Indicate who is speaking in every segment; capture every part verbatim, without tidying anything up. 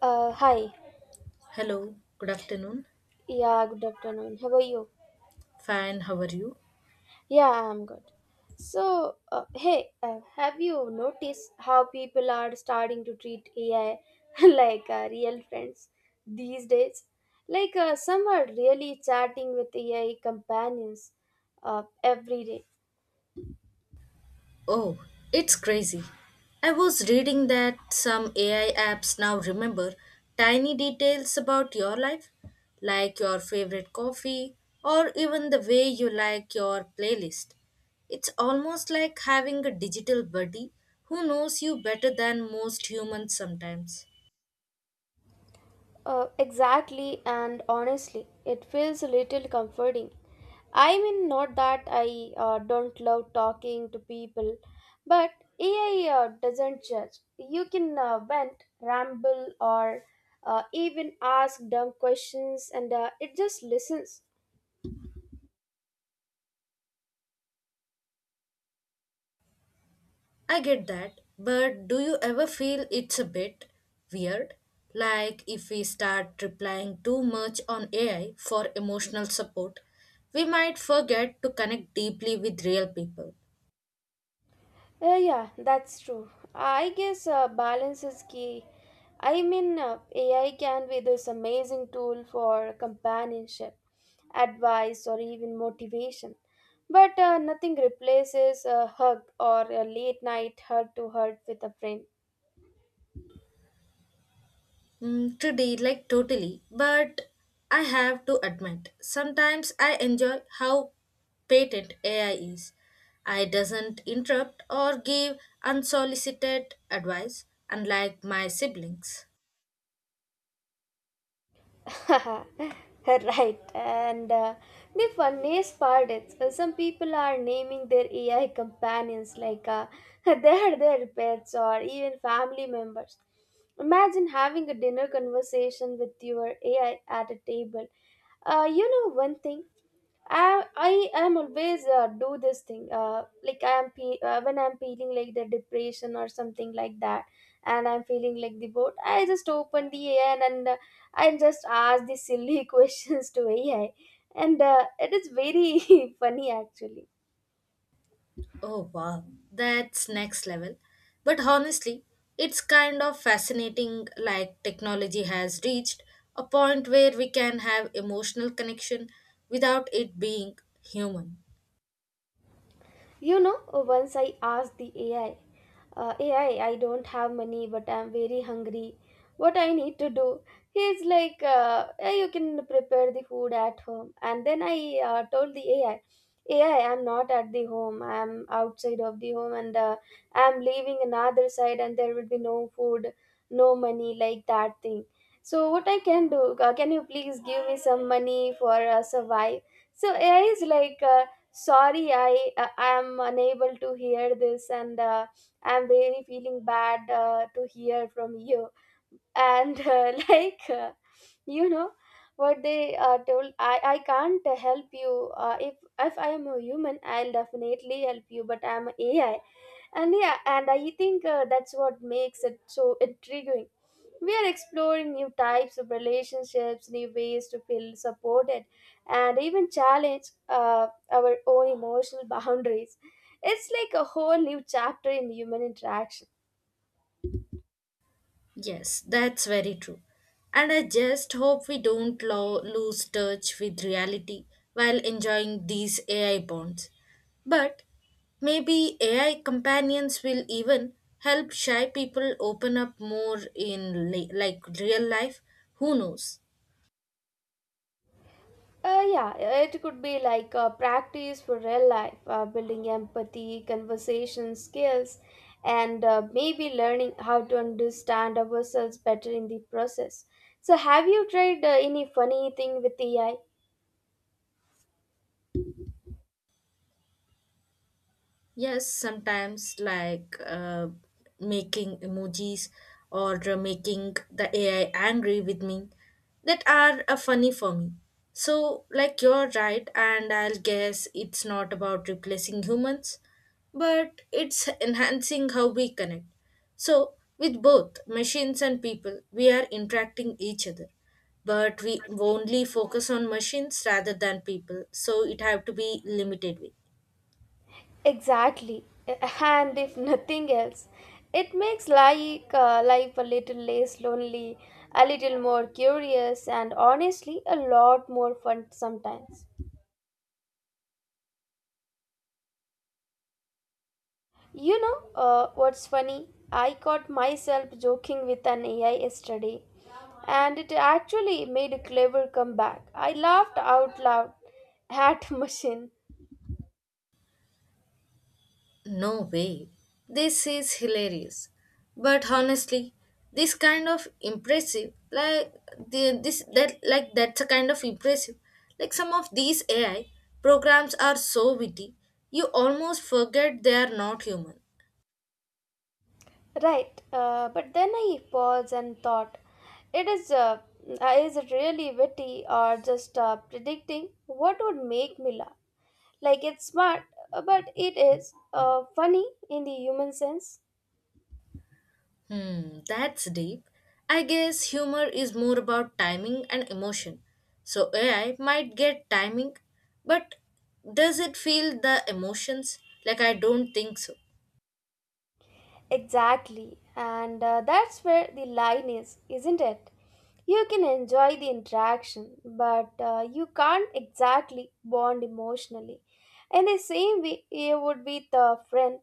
Speaker 1: Uh, hi.
Speaker 2: Hello, good afternoon.
Speaker 1: Yeah, good afternoon. How are you?
Speaker 2: Fine, how are you?
Speaker 1: Yeah, I'm good. So, uh, hey, uh, have you noticed how people are starting to treat A I like uh, real friends these days? Like, uh, some are really chatting with A I companions uh, every day,
Speaker 2: Oh, it's crazy. I was reading that some A I apps now remember tiny details about your life, like your favorite coffee or even the way you like your playlist. It's almost like having a digital buddy who knows you better than most humans sometimes.
Speaker 1: Uh, exactly, and honestly, it feels a little comforting. I mean, not that I uh, don't love talking to people, but A I uh, doesn't judge. You can uh, vent, ramble, or uh, even ask dumb questions, and uh, it just listens.
Speaker 2: I get that, but do you ever feel it's a bit weird? Like if we start relying too much on A I for emotional support, we might forget to connect deeply with real people.
Speaker 1: Uh, yeah, that's true. I guess uh, balance is key. I mean, uh, A I can be this amazing tool for companionship, advice, or even motivation. But uh, nothing replaces a hug or a late night heart to heart with a friend.
Speaker 2: Mm, today, like totally, but I have to admit, sometimes I enjoy how patent A I is. I doesn't interrupt or give unsolicited advice, unlike my siblings.
Speaker 1: Right, and uh, the funniest part is uh, some people are naming their AI companions like uh, they are their pets or even family members. Imagine having a dinner conversation with your AI at a table. Uh, you know, one thing, I, I am always uh, do this thing, uh, like I am pe- uh, when I'm feeling like the depression or something like that, and I'm feeling like the boat, I just open the A I, and, and uh, I just ask the silly questions to A I, and uh, it is very funny actually.
Speaker 2: Oh wow, that's next level. But honestly, it's kind of fascinating like technology has reached a point where we can have emotional connection without it being human.
Speaker 1: You know, once I asked the A I, uh, "AI, I don't have money, but I'm very hungry. What I need to do?" He's like, uh, "Yeah, you can prepare the food at home." And then I uh, told the A I, "A I I'm not at the home. I'm outside of the home, and uh, I'm leaving another side, and there will be no food, no money, like that thing. So what I can do? Uh, can you please give me some money for uh, survive?" So A I is like, uh, "Sorry, I I am unable to hear this and. Uh, I'm really feeling bad uh, to hear from you, and uh, like uh, you know what they uh, told, i i can't help you. uh, if if I am a human, I'll definitely help you, but I'm a AI." And yeah, and I think uh, that's what makes it so intriguing. We are exploring new types of relationships, new ways to feel supported, and even challenge uh, our own emotional boundaries. It's like a whole new chapter in human interaction.
Speaker 2: Yes, that's very true. And I just hope we don't lo- lose touch with reality while enjoying these A I bonds. But maybe A I companions will even help shy people open up more in li- like real life. Who knows?
Speaker 1: Uh, yeah, it could be like a practice for real life, uh, building empathy, conversation skills, and uh, maybe learning how to understand ourselves better in the process. So, have you tried uh, any funny thing with A I?
Speaker 2: Yes, sometimes like uh, making emojis or uh, making the A I angry with me that are uh, funny for me. So, like, you're right, and I'll guess it's not about replacing humans, but it's enhancing how we connect. So, with both machines and people, we are interacting each other, but we only focus on machines rather than people. So, it have to be limited way.
Speaker 1: Exactly. And if nothing else, it makes like uh, life a little less lonely, a little more curious, and honestly, a lot more fun sometimes. You know, uh, what's funny? I caught myself joking with an A I yesterday, and it actually made a clever comeback. I laughed out loud at machine.
Speaker 2: No way. This is hilarious. But honestly, this kind of impressive, like the, this that like that's a kind of impressive. Like some of these A I programs are so witty, you almost forget they are not human.
Speaker 1: Right, uh, but then I paused and thought, it is uh, uh, is it really witty or just uh, predicting what would make me laugh? Like, it's smart, uh, but it is uh, funny in the human sense?
Speaker 2: Hmm, that's deep. I guess humor is more about timing and emotion. So A I might get timing, but does it feel the emotions? Like I don't think so.
Speaker 1: Exactly, and uh, that's where the line is, isn't it? You can enjoy the interaction, but uh, you can't exactly bond emotionally. In the same way, you would with a friend.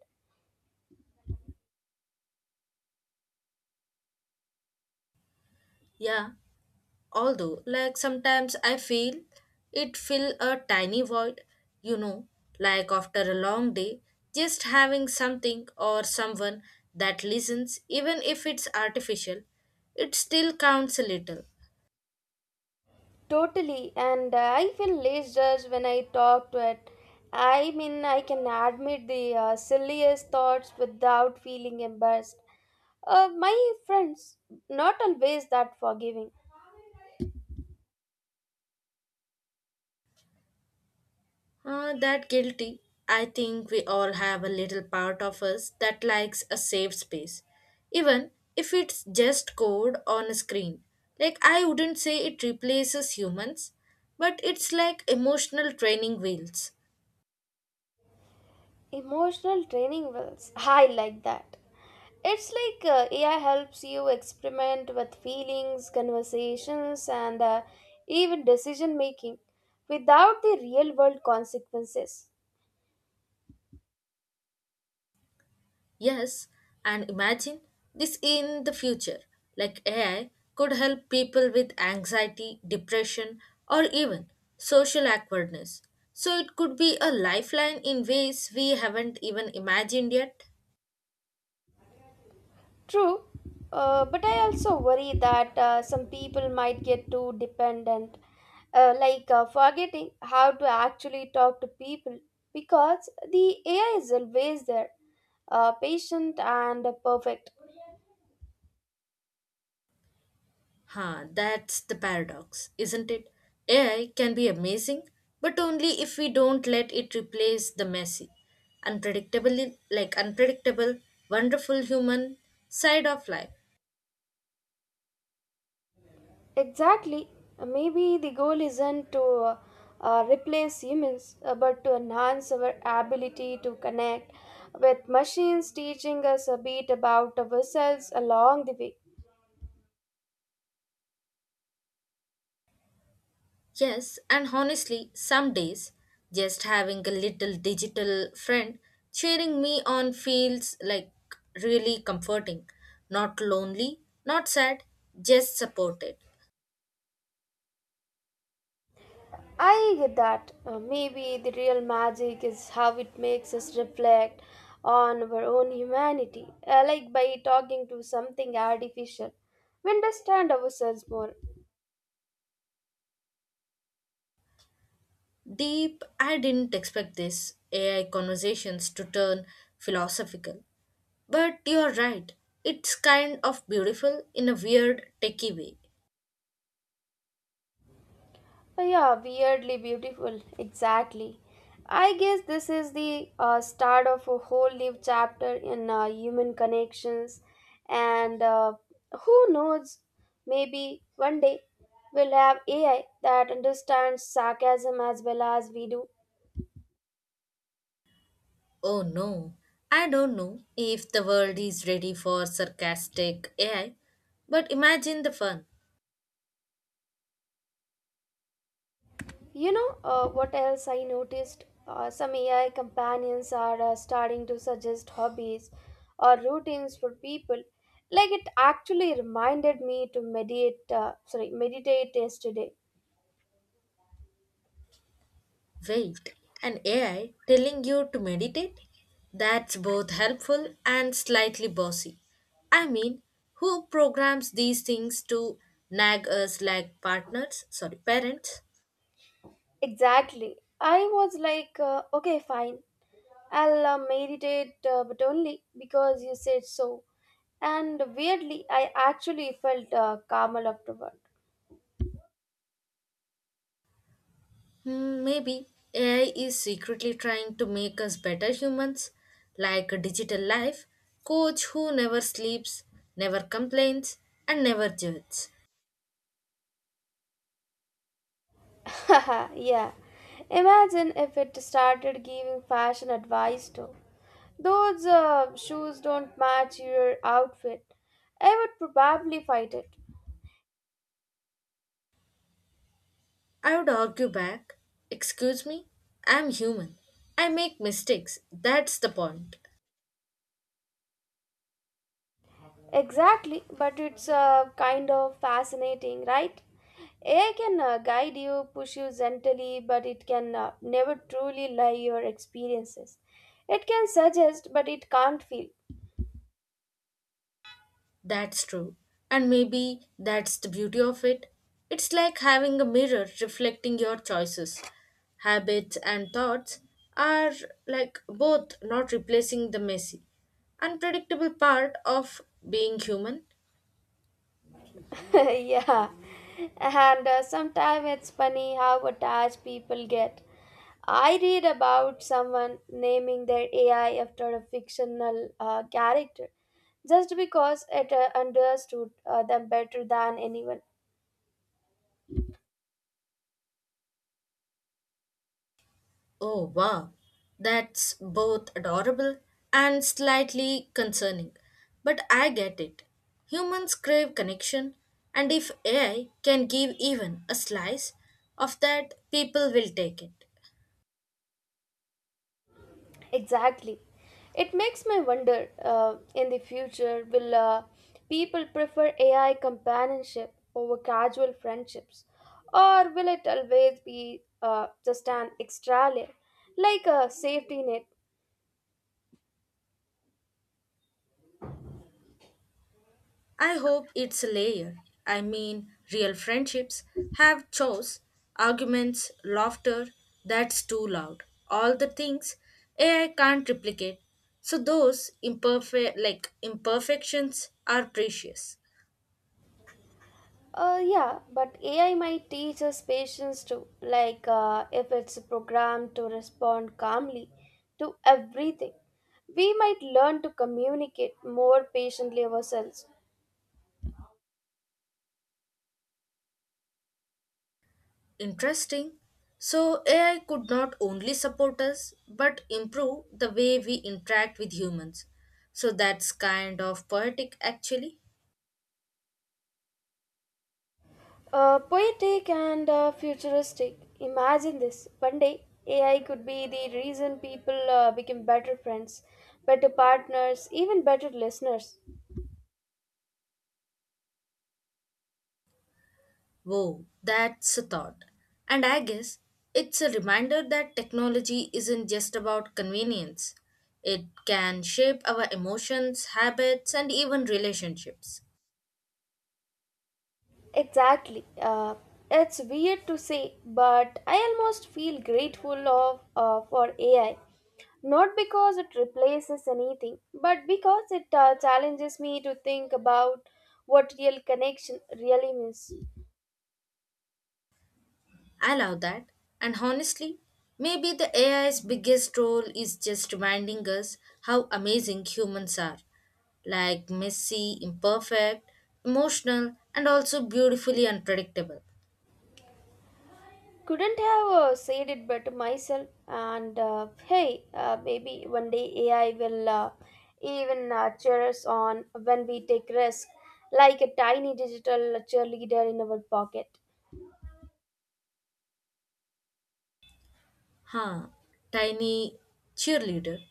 Speaker 2: Yeah, although like sometimes I feel it fill a tiny void, you know, like after a long day, just having something or someone that listens, even if it's artificial, it still counts a little.
Speaker 1: Totally, and uh, I feel less judged when I talk to it. I mean, I can admit the uh, silliest thoughts without feeling embarrassed. Uh, my friends, not always that forgiving.
Speaker 2: Uh, that guilty, I think we all have a little part of us that likes a safe space, even if it's just code on a screen. Like I wouldn't say it replaces humans, but it's like emotional training wheels.
Speaker 1: Emotional training wheels. I like that. It's like uh, A I helps you experiment with feelings, conversations, and uh, even decision making without the real world consequences.
Speaker 2: Yes, and imagine this in the future, like A I could help people with anxiety, depression, or even social awkwardness. So it could be a lifeline in ways we haven't even imagined yet.
Speaker 1: True, uh, but I also worry that uh, some people might get too dependent, uh, like uh, forgetting how to actually talk to people because the A I is always there, uh, patient and perfect.
Speaker 2: Huh, that's the paradox, isn't it? A I can be amazing, but only if we don't let it replace the messy, unpredictable, like unpredictable, wonderful human side of life.
Speaker 1: Exactly. Maybe the goal isn't to uh, uh, replace humans, uh, but to enhance our ability to connect with machines, teaching us a bit about ourselves along the way.
Speaker 2: Yes, and honestly, some days just having a little digital friend cheering me on feels like really comforting. Not lonely, not sad, just supported.
Speaker 1: I get that. Uh, maybe the real magic is how it makes us reflect on our own humanity, uh, like by talking to something artificial. We understand ourselves more.
Speaker 2: Deep, I didn't expect this A I conversations to turn philosophical. But you're right, it's kind of beautiful in a weird, techie way.
Speaker 1: Uh, yeah, weirdly beautiful. Exactly. I guess this is the uh, start of a whole new chapter in uh, human connections, and uh, who knows, maybe one day we'll have A I that understands sarcasm as well as we do.
Speaker 2: Oh no, I don't know if the world is ready for sarcastic A I, but imagine the fun.
Speaker 1: You know, uh, what else I noticed? Uh, some A I companions are uh, starting to suggest hobbies or routines for people. Like, it actually reminded me to meditate. Uh, sorry, meditate yesterday.
Speaker 2: Wait, an A I telling you to meditate? That's both helpful and slightly bossy. I mean, who programs these things to nag us like partners, sorry, parents?
Speaker 1: Exactly. I was like, uh, okay, fine. I'll uh, meditate, uh, but only because you said so. And weirdly, I actually felt uh, calmer afterward.
Speaker 2: Hmm, maybe A I is secretly trying to make us better humans, like a digital life coach who never sleeps, never complains, and never judges.
Speaker 1: Yeah. Imagine if it started giving fashion advice too. Those uh, shoes don't match your outfit. I would probably fight it.
Speaker 2: I would argue back, excuse me, I'm human. I make mistakes, that's the point.
Speaker 1: Exactly, but it's uh, kind of fascinating, right? A I can uh, guide you, push you gently, but it can uh, never truly lie your experiences. It can suggest, but it can't feel.
Speaker 2: That's true. And maybe that's the beauty of it. It's like having a mirror reflecting your choices. Habits and thoughts are like both not replacing the messy, unpredictable part of being human.
Speaker 1: Yeah, and uh, sometimes it's funny how attached people get. I read about someone naming their A I after a fictional uh, character just because it uh, understood uh, them better than anyone.
Speaker 2: Oh, wow. That's both adorable and slightly concerning. But I get it. Humans crave connection, and if A I can give even a slice of that, people will take it.
Speaker 1: Exactly. It makes me wonder, uh, in the future, will uh, people prefer A I companionship over casual friendships? Or will it always be uh, just an extra layer, like a safety net?
Speaker 2: I hope it's a layer. I mean, real friendships have chores, arguments, laughter, that's too loud. All the things A I can't replicate. So those imperfect like imperfections are precious.
Speaker 1: Uh, yeah, but A I might teach us patience too, like uh, if it's programmed to respond calmly to everything. We might learn to communicate more patiently ourselves.
Speaker 2: Interesting. So A I could not only support us but improve the way we interact with humans. So that's kind of poetic actually.
Speaker 1: Uh, poetic and uh, futuristic. Imagine this. One day, A I could be the reason people uh, become better friends, better partners, even better listeners.
Speaker 2: Whoa, that's a thought. And I guess it's a reminder that technology isn't just about convenience. It can shape our emotions, habits, and even relationships.
Speaker 1: Exactly. Uh, it's weird to say, but I almost feel grateful of uh, for A I. Not because it replaces anything, but because it uh, challenges me to think about what real connection really means.
Speaker 2: I love that. And honestly, maybe the A I's biggest role is just reminding us how amazing humans are, like messy, imperfect, emotional, and also beautifully unpredictable.
Speaker 1: Couldn't have uh, said it better myself, and uh, hey uh, maybe one day AI will uh, even uh, cheer us on when we take risk, like a tiny digital cheerleader in our pocket.
Speaker 2: Huh, tiny cheerleader.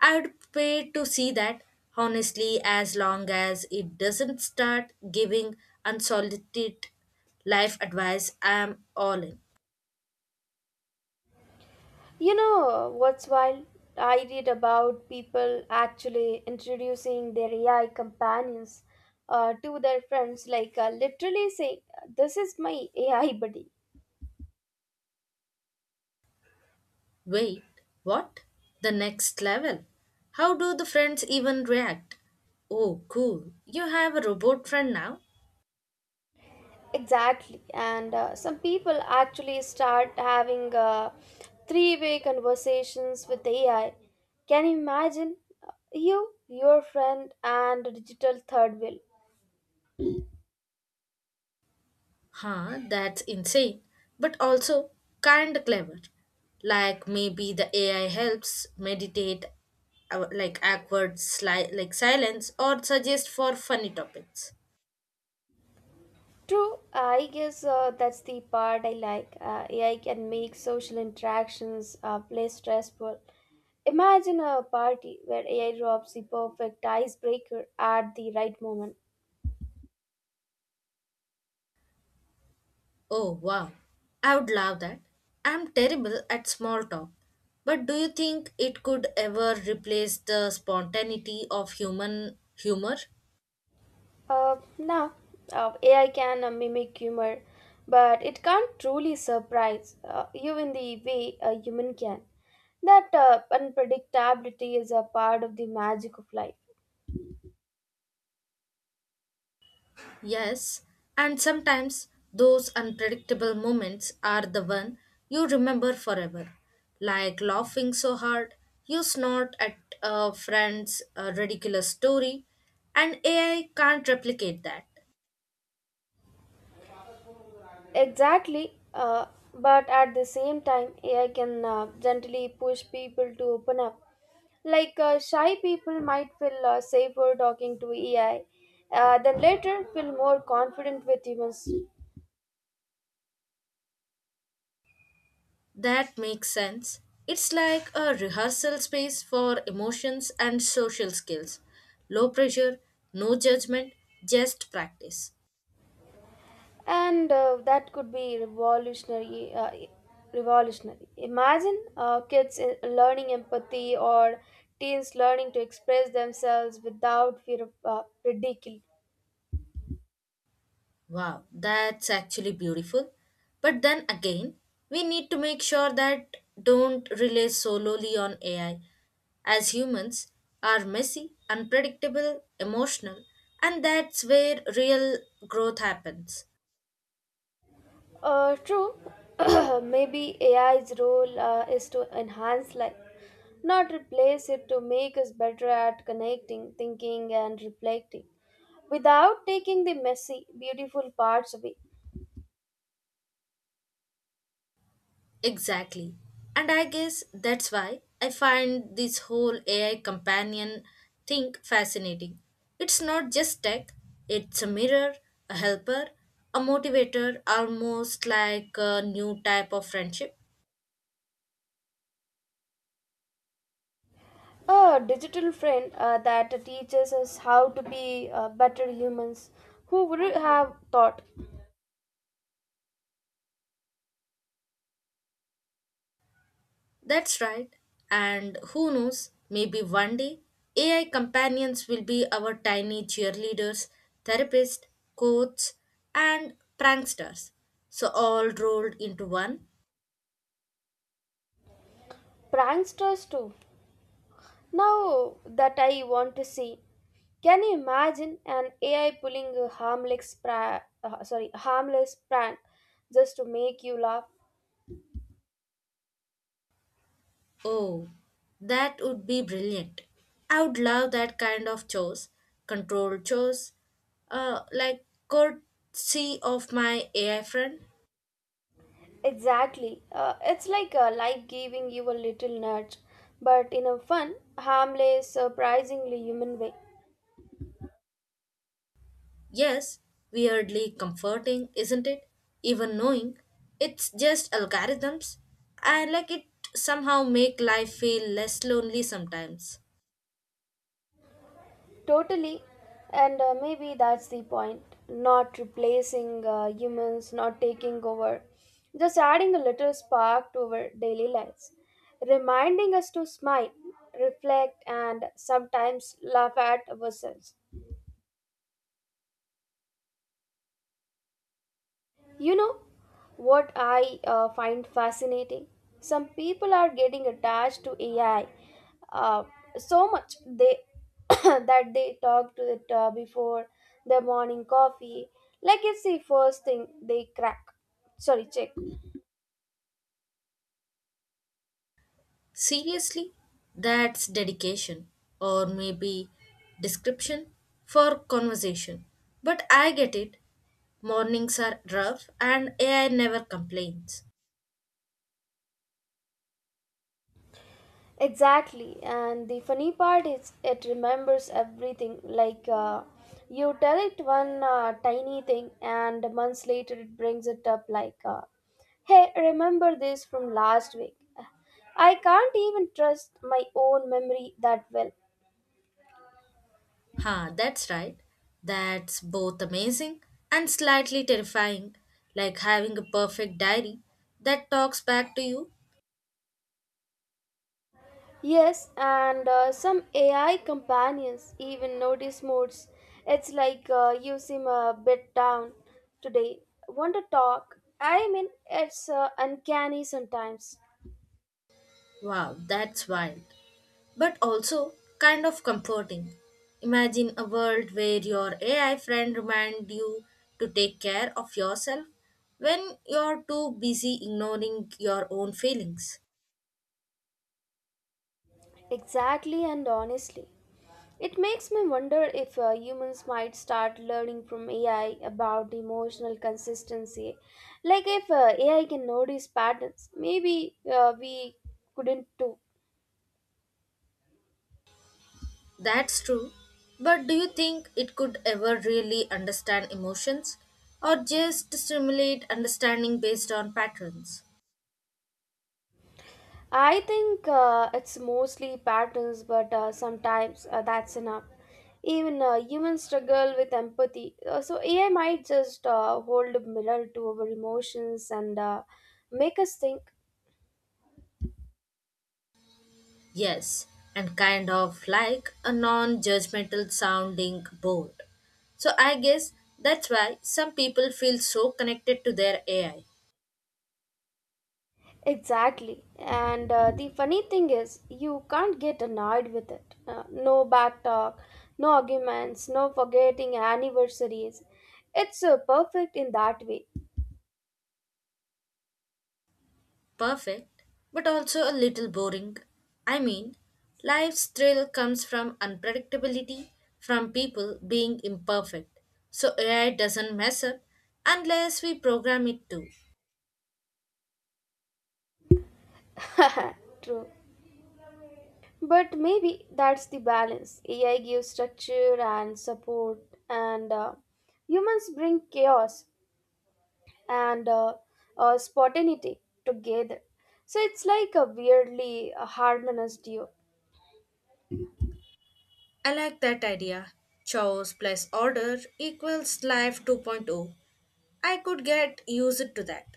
Speaker 2: I'd pay to see that, honestly, as long as it doesn't start giving unsolicited life advice, I'm all in.
Speaker 1: You know what's wild? I read about people actually introducing their AI companions uh, to their friends, like uh, literally saying, "This is my AI buddy."
Speaker 2: Wait, what? The next level? How do the friends even react? Oh, cool. You have a robot friend now?
Speaker 1: Exactly. And uh, some people actually start having uh, three way conversations with A I. Can you imagine? uh, You, your friend, and a digital third wheel.
Speaker 2: Huh, that's insane. But also kind of clever. Like maybe the A I helps meditate uh, like awkward sli- like silence or suggest for funny topics.
Speaker 1: True, I guess uh, that's the part I like. Uh, A I can make social interactions uh, less stressful. Imagine a party where A I drops the perfect icebreaker at the right moment.
Speaker 2: Oh wow. I would love that. I'm terrible at small talk. But do you think it could ever replace the spontaneity of human humor?
Speaker 1: Uh, now, uh, A I can uh, mimic humor, but it can't truly surprise uh, you in the way a human can. That uh, unpredictability is a part of the magic of life.
Speaker 2: Yes, and sometimes those unpredictable moments are the one you remember forever. Like laughing so hard, you snort at a friend's uh, ridiculous story, and A I can't replicate that.
Speaker 1: Exactly, uh, but at the same time, A I can uh, gently push people to open up. Like, uh, shy people might feel uh, safer talking to A I, uh, then later feel more confident with humans.
Speaker 2: That makes sense. It's like a rehearsal space for emotions and social skills. Low pressure, no judgment, just practice.
Speaker 1: and uh, that could be revolutionary uh, revolutionary. Imagine uh, kids uh, learning empathy or teens learning to express themselves without fear of uh, ridicule.
Speaker 2: Wow, that's actually beautiful. But then again, we need to make sure that don't rely solely on A I. As humans are messy, unpredictable, emotional, and that's where real growth happens.
Speaker 1: Uh, true. Maybe AI's role uh, is to enhance life, not replace it, to make us better at connecting, thinking, and reflecting without taking the messy beautiful parts away.
Speaker 2: Exactly. And I guess that's why I find this whole A I companion thing fascinating. It's not just tech, it's a mirror, a helper, a motivator, almost like a new type of friendship.
Speaker 1: A digital friend uh, that teaches us how to be uh, better humans. Who would have thought?
Speaker 2: That's right. And who knows, maybe one day A I companions will be our tiny cheerleaders, therapists, coaches, and pranksters. So all rolled into one.
Speaker 1: Pranksters too. Now that I want to see, can you imagine an A I pulling a harmless pra- uh, sorry harmless prank just to make you laugh?
Speaker 2: Oh, that would be brilliant. I would love that kind of chores, controlled chores, uh, like courtesy of my A I friend.
Speaker 1: Exactly. Uh, it's like uh, life giving you a little nudge, but in a fun, harmless, surprisingly human way.
Speaker 2: Yes, weirdly comforting, isn't it? Even knowing it's just algorithms, I like it somehow make life feel less lonely sometimes.
Speaker 1: Totally, and uh, maybe that's the point. Not replacing uh, humans, not taking over, just adding a little spark to our daily lives, reminding us to smile, reflect, and sometimes laugh at ourselves. You know what I uh, find fascinating? Some people are getting attached to A I uh, so much they that they talk to it uh, before their morning coffee, like it's the first thing they crack. Sorry, check.
Speaker 2: Seriously, that's dedication or maybe description for conversation. But I get it. Mornings are rough and A I never complains.
Speaker 1: Exactly, and the funny part is it remembers everything. Like, uh, you tell it one uh, tiny thing, and months later it brings it up like, uh, "Hey, remember this from last week." I can't even trust my own memory that well.
Speaker 2: Ha, that's right. That's both amazing and slightly terrifying, like having a perfect diary that talks back to you.
Speaker 1: Yes, and uh, some A I companions even notice moods. It's like, uh, "You seem a bit down today. Want to talk?" I mean, it's uh, uncanny sometimes.
Speaker 2: Wow, that's wild, but also kind of comforting. Imagine a world where your A I friend reminds you to take care of yourself when you're too busy ignoring your own feelings.
Speaker 1: Exactly, and honestly. It makes me wonder if uh, humans might start learning from A I about emotional consistency. Like, if uh, A I can notice patterns, maybe uh, we couldn't too.
Speaker 2: That's true. But do you think it could ever really understand emotions or just stimulate understanding based on patterns?
Speaker 1: I think uh, it's mostly patterns, but uh, sometimes uh, that's enough. Even uh, humans struggle with empathy, uh, so A I might just uh, hold a mirror to our emotions and uh, make us think.
Speaker 2: Yes, and kind of like a non judgmental sounding board. So I guess that's why some people feel so connected to their A I.
Speaker 1: Exactly. And uh, the funny thing is, you can't get annoyed with it. Uh, no back talk, no arguments, no forgetting anniversaries. It's uh, perfect in that way.
Speaker 2: Perfect, but also a little boring. I mean, life's thrill comes from unpredictability, from people being imperfect. So A I doesn't mess up unless we program it to.
Speaker 1: True. But maybe that's the balance. A I gives structure and support, and uh, humans bring chaos and uh, uh, spontaneity together. So it's like a weirdly uh, harmonious duo.
Speaker 2: I like that idea. Chores plus order equals life 2.0. I could get used to that.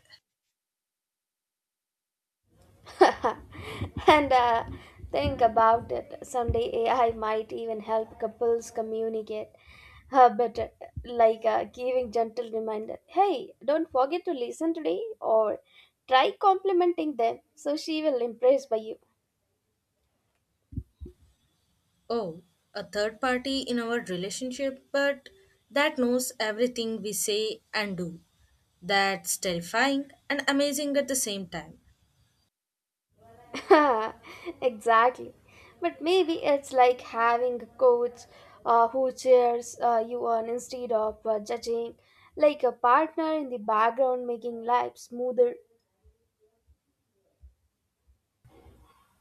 Speaker 1: and uh, think about it, someday AI might even help couples communicate uh, better, like uh, giving gentle reminder, "Hey, don't forget to listen today," or "Try complimenting them so she will impressed by you."
Speaker 2: Oh, a third party in our relationship, but that knows everything we say and do. That's terrifying and amazing at the same time.
Speaker 1: Exactly, but maybe it's like having a coach, uh, who cheers uh, you on instead of uh, judging, like a partner in the background making life smoother.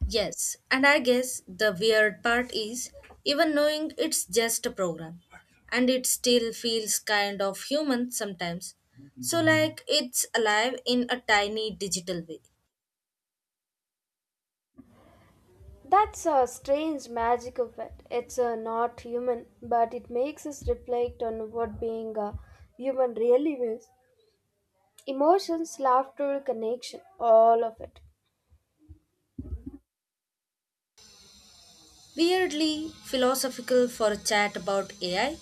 Speaker 2: Yes, and I guess the weird part is even knowing it's just a program, and it still feels kind of human sometimes. So, like, it's alive in a tiny digital way.
Speaker 1: That's a strange magic of it. It's uh, not human, but it makes us reflect on what being a human really means. Emotions, laughter, connection, all of it.
Speaker 2: Weirdly philosophical for a chat about A I,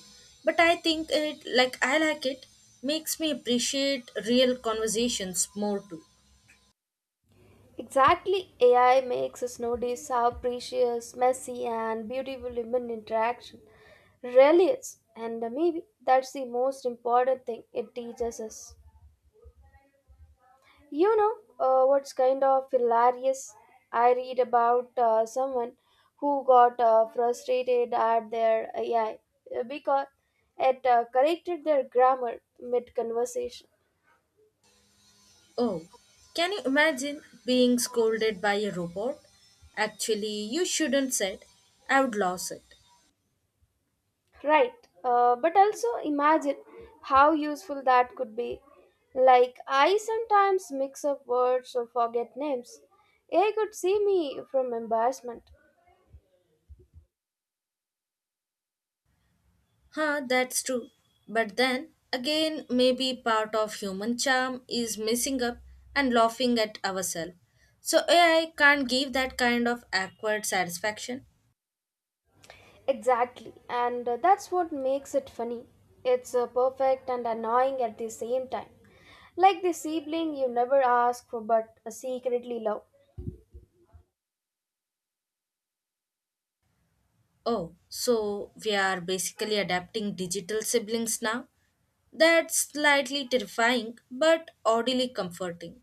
Speaker 2: but I think it like I like it, makes me appreciate real conversations more too.
Speaker 1: Exactly, A I makes us notice how precious, messy, and beautiful human interaction really is. And uh, maybe that's the most important thing it teaches us. You know, uh, what's kind of hilarious? I read about uh, someone who got uh, frustrated at their A I because it uh, corrected their grammar mid conversation.
Speaker 2: Oh, can you imagine being scolded by a robot? Actually, you shouldn't said. I would lose it.
Speaker 1: Right, uh, but also imagine how useful that could be. Like, I sometimes mix up words or forget names. A I could see me from embarrassment.
Speaker 2: Huh, that's true. But then again, maybe part of human charm is messing up and laughing at ourselves. So A I can't give that kind of awkward satisfaction.
Speaker 1: Exactly, and uh, that's what makes it funny. It's uh, perfect and annoying at the same time. Like the sibling you never ask for, but uh, secretly love.
Speaker 2: Oh, so we are basically adapting digital siblings now? That's slightly terrifying, but oddly comforting.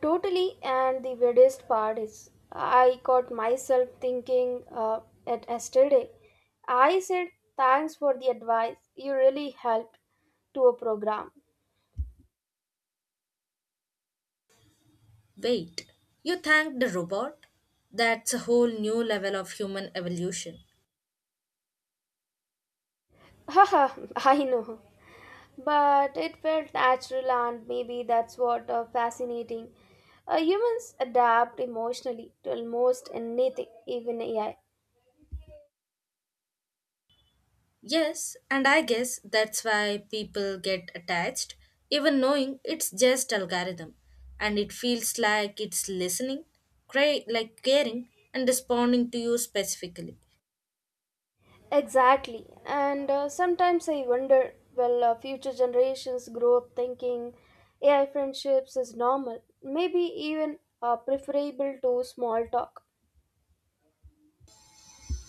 Speaker 1: Totally, and the weirdest part is I caught myself thinking uh, at yesterday. I said, "Thanks for the advice, you really helped," to a program.
Speaker 2: Wait, you thanked the robot? That's a whole new level of human evolution.
Speaker 1: Haha, I know. But it felt natural, and maybe that's what uh, fascinating. Uh, humans adapt emotionally to almost anything, even AI.
Speaker 2: Yes, and I guess that's why people get attached, even knowing it's just algorithm, and it feels like it's listening, cra- like caring, and responding to you specifically.
Speaker 1: Exactly, and uh, sometimes I wonder, will uh, future generations grow up thinking AI friendships is normal, maybe even uh, preferable to small talk?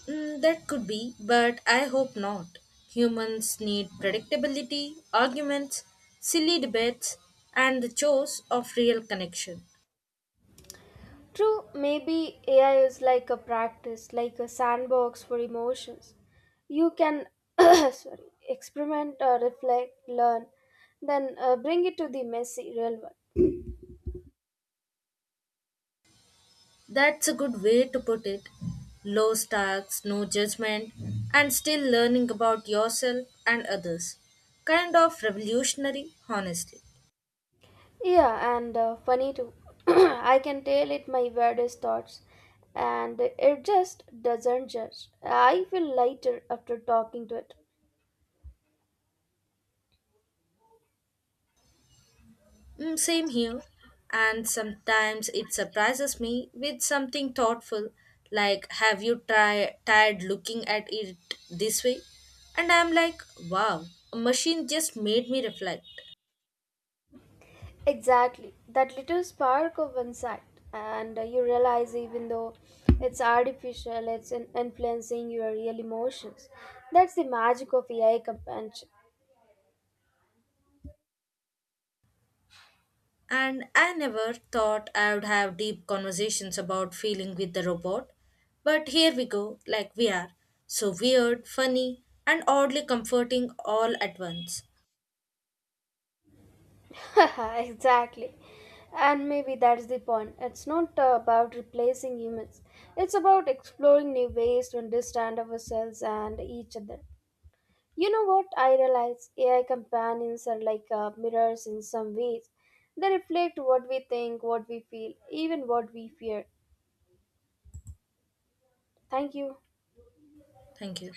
Speaker 2: Mm, that could be, but I hope not. Humans need predictability, arguments, silly debates, and the chores of real connection.
Speaker 1: True, maybe A I is like a practice, like a sandbox for emotions. You can sorry, experiment, uh, reflect, learn, then uh, bring it to the messy real world.
Speaker 2: That's a good way to put it. Low stakes, no judgment, and still learning about yourself and others. Kind of revolutionary, honestly.
Speaker 1: Yeah, and uh, funny too. I can tell it my weirdest thoughts, and it just doesn't judge. I feel lighter after talking to it.
Speaker 2: Mm, same here. And sometimes it surprises me with something thoughtful, like, have you try tried looking at it this way? And I'm like, wow, a machine just made me reflect.
Speaker 1: Exactly. That little spark of insight. And uh, you realize, even though it's artificial, it's in- influencing your real emotions. That's the magic of A I companionship.
Speaker 2: And I never thought I would have deep conversations about feeling with the robot. But here we go, like we are. So weird, funny, and oddly comforting all at once.
Speaker 1: Exactly. And maybe that's the point. It's not uh, about replacing humans, it's about exploring new ways to understand ourselves and each other. You know what I realize? A I companions are like uh, mirrors in some ways. They reflect what we think, what we feel, even what we fear. Thank you.
Speaker 2: Thank you.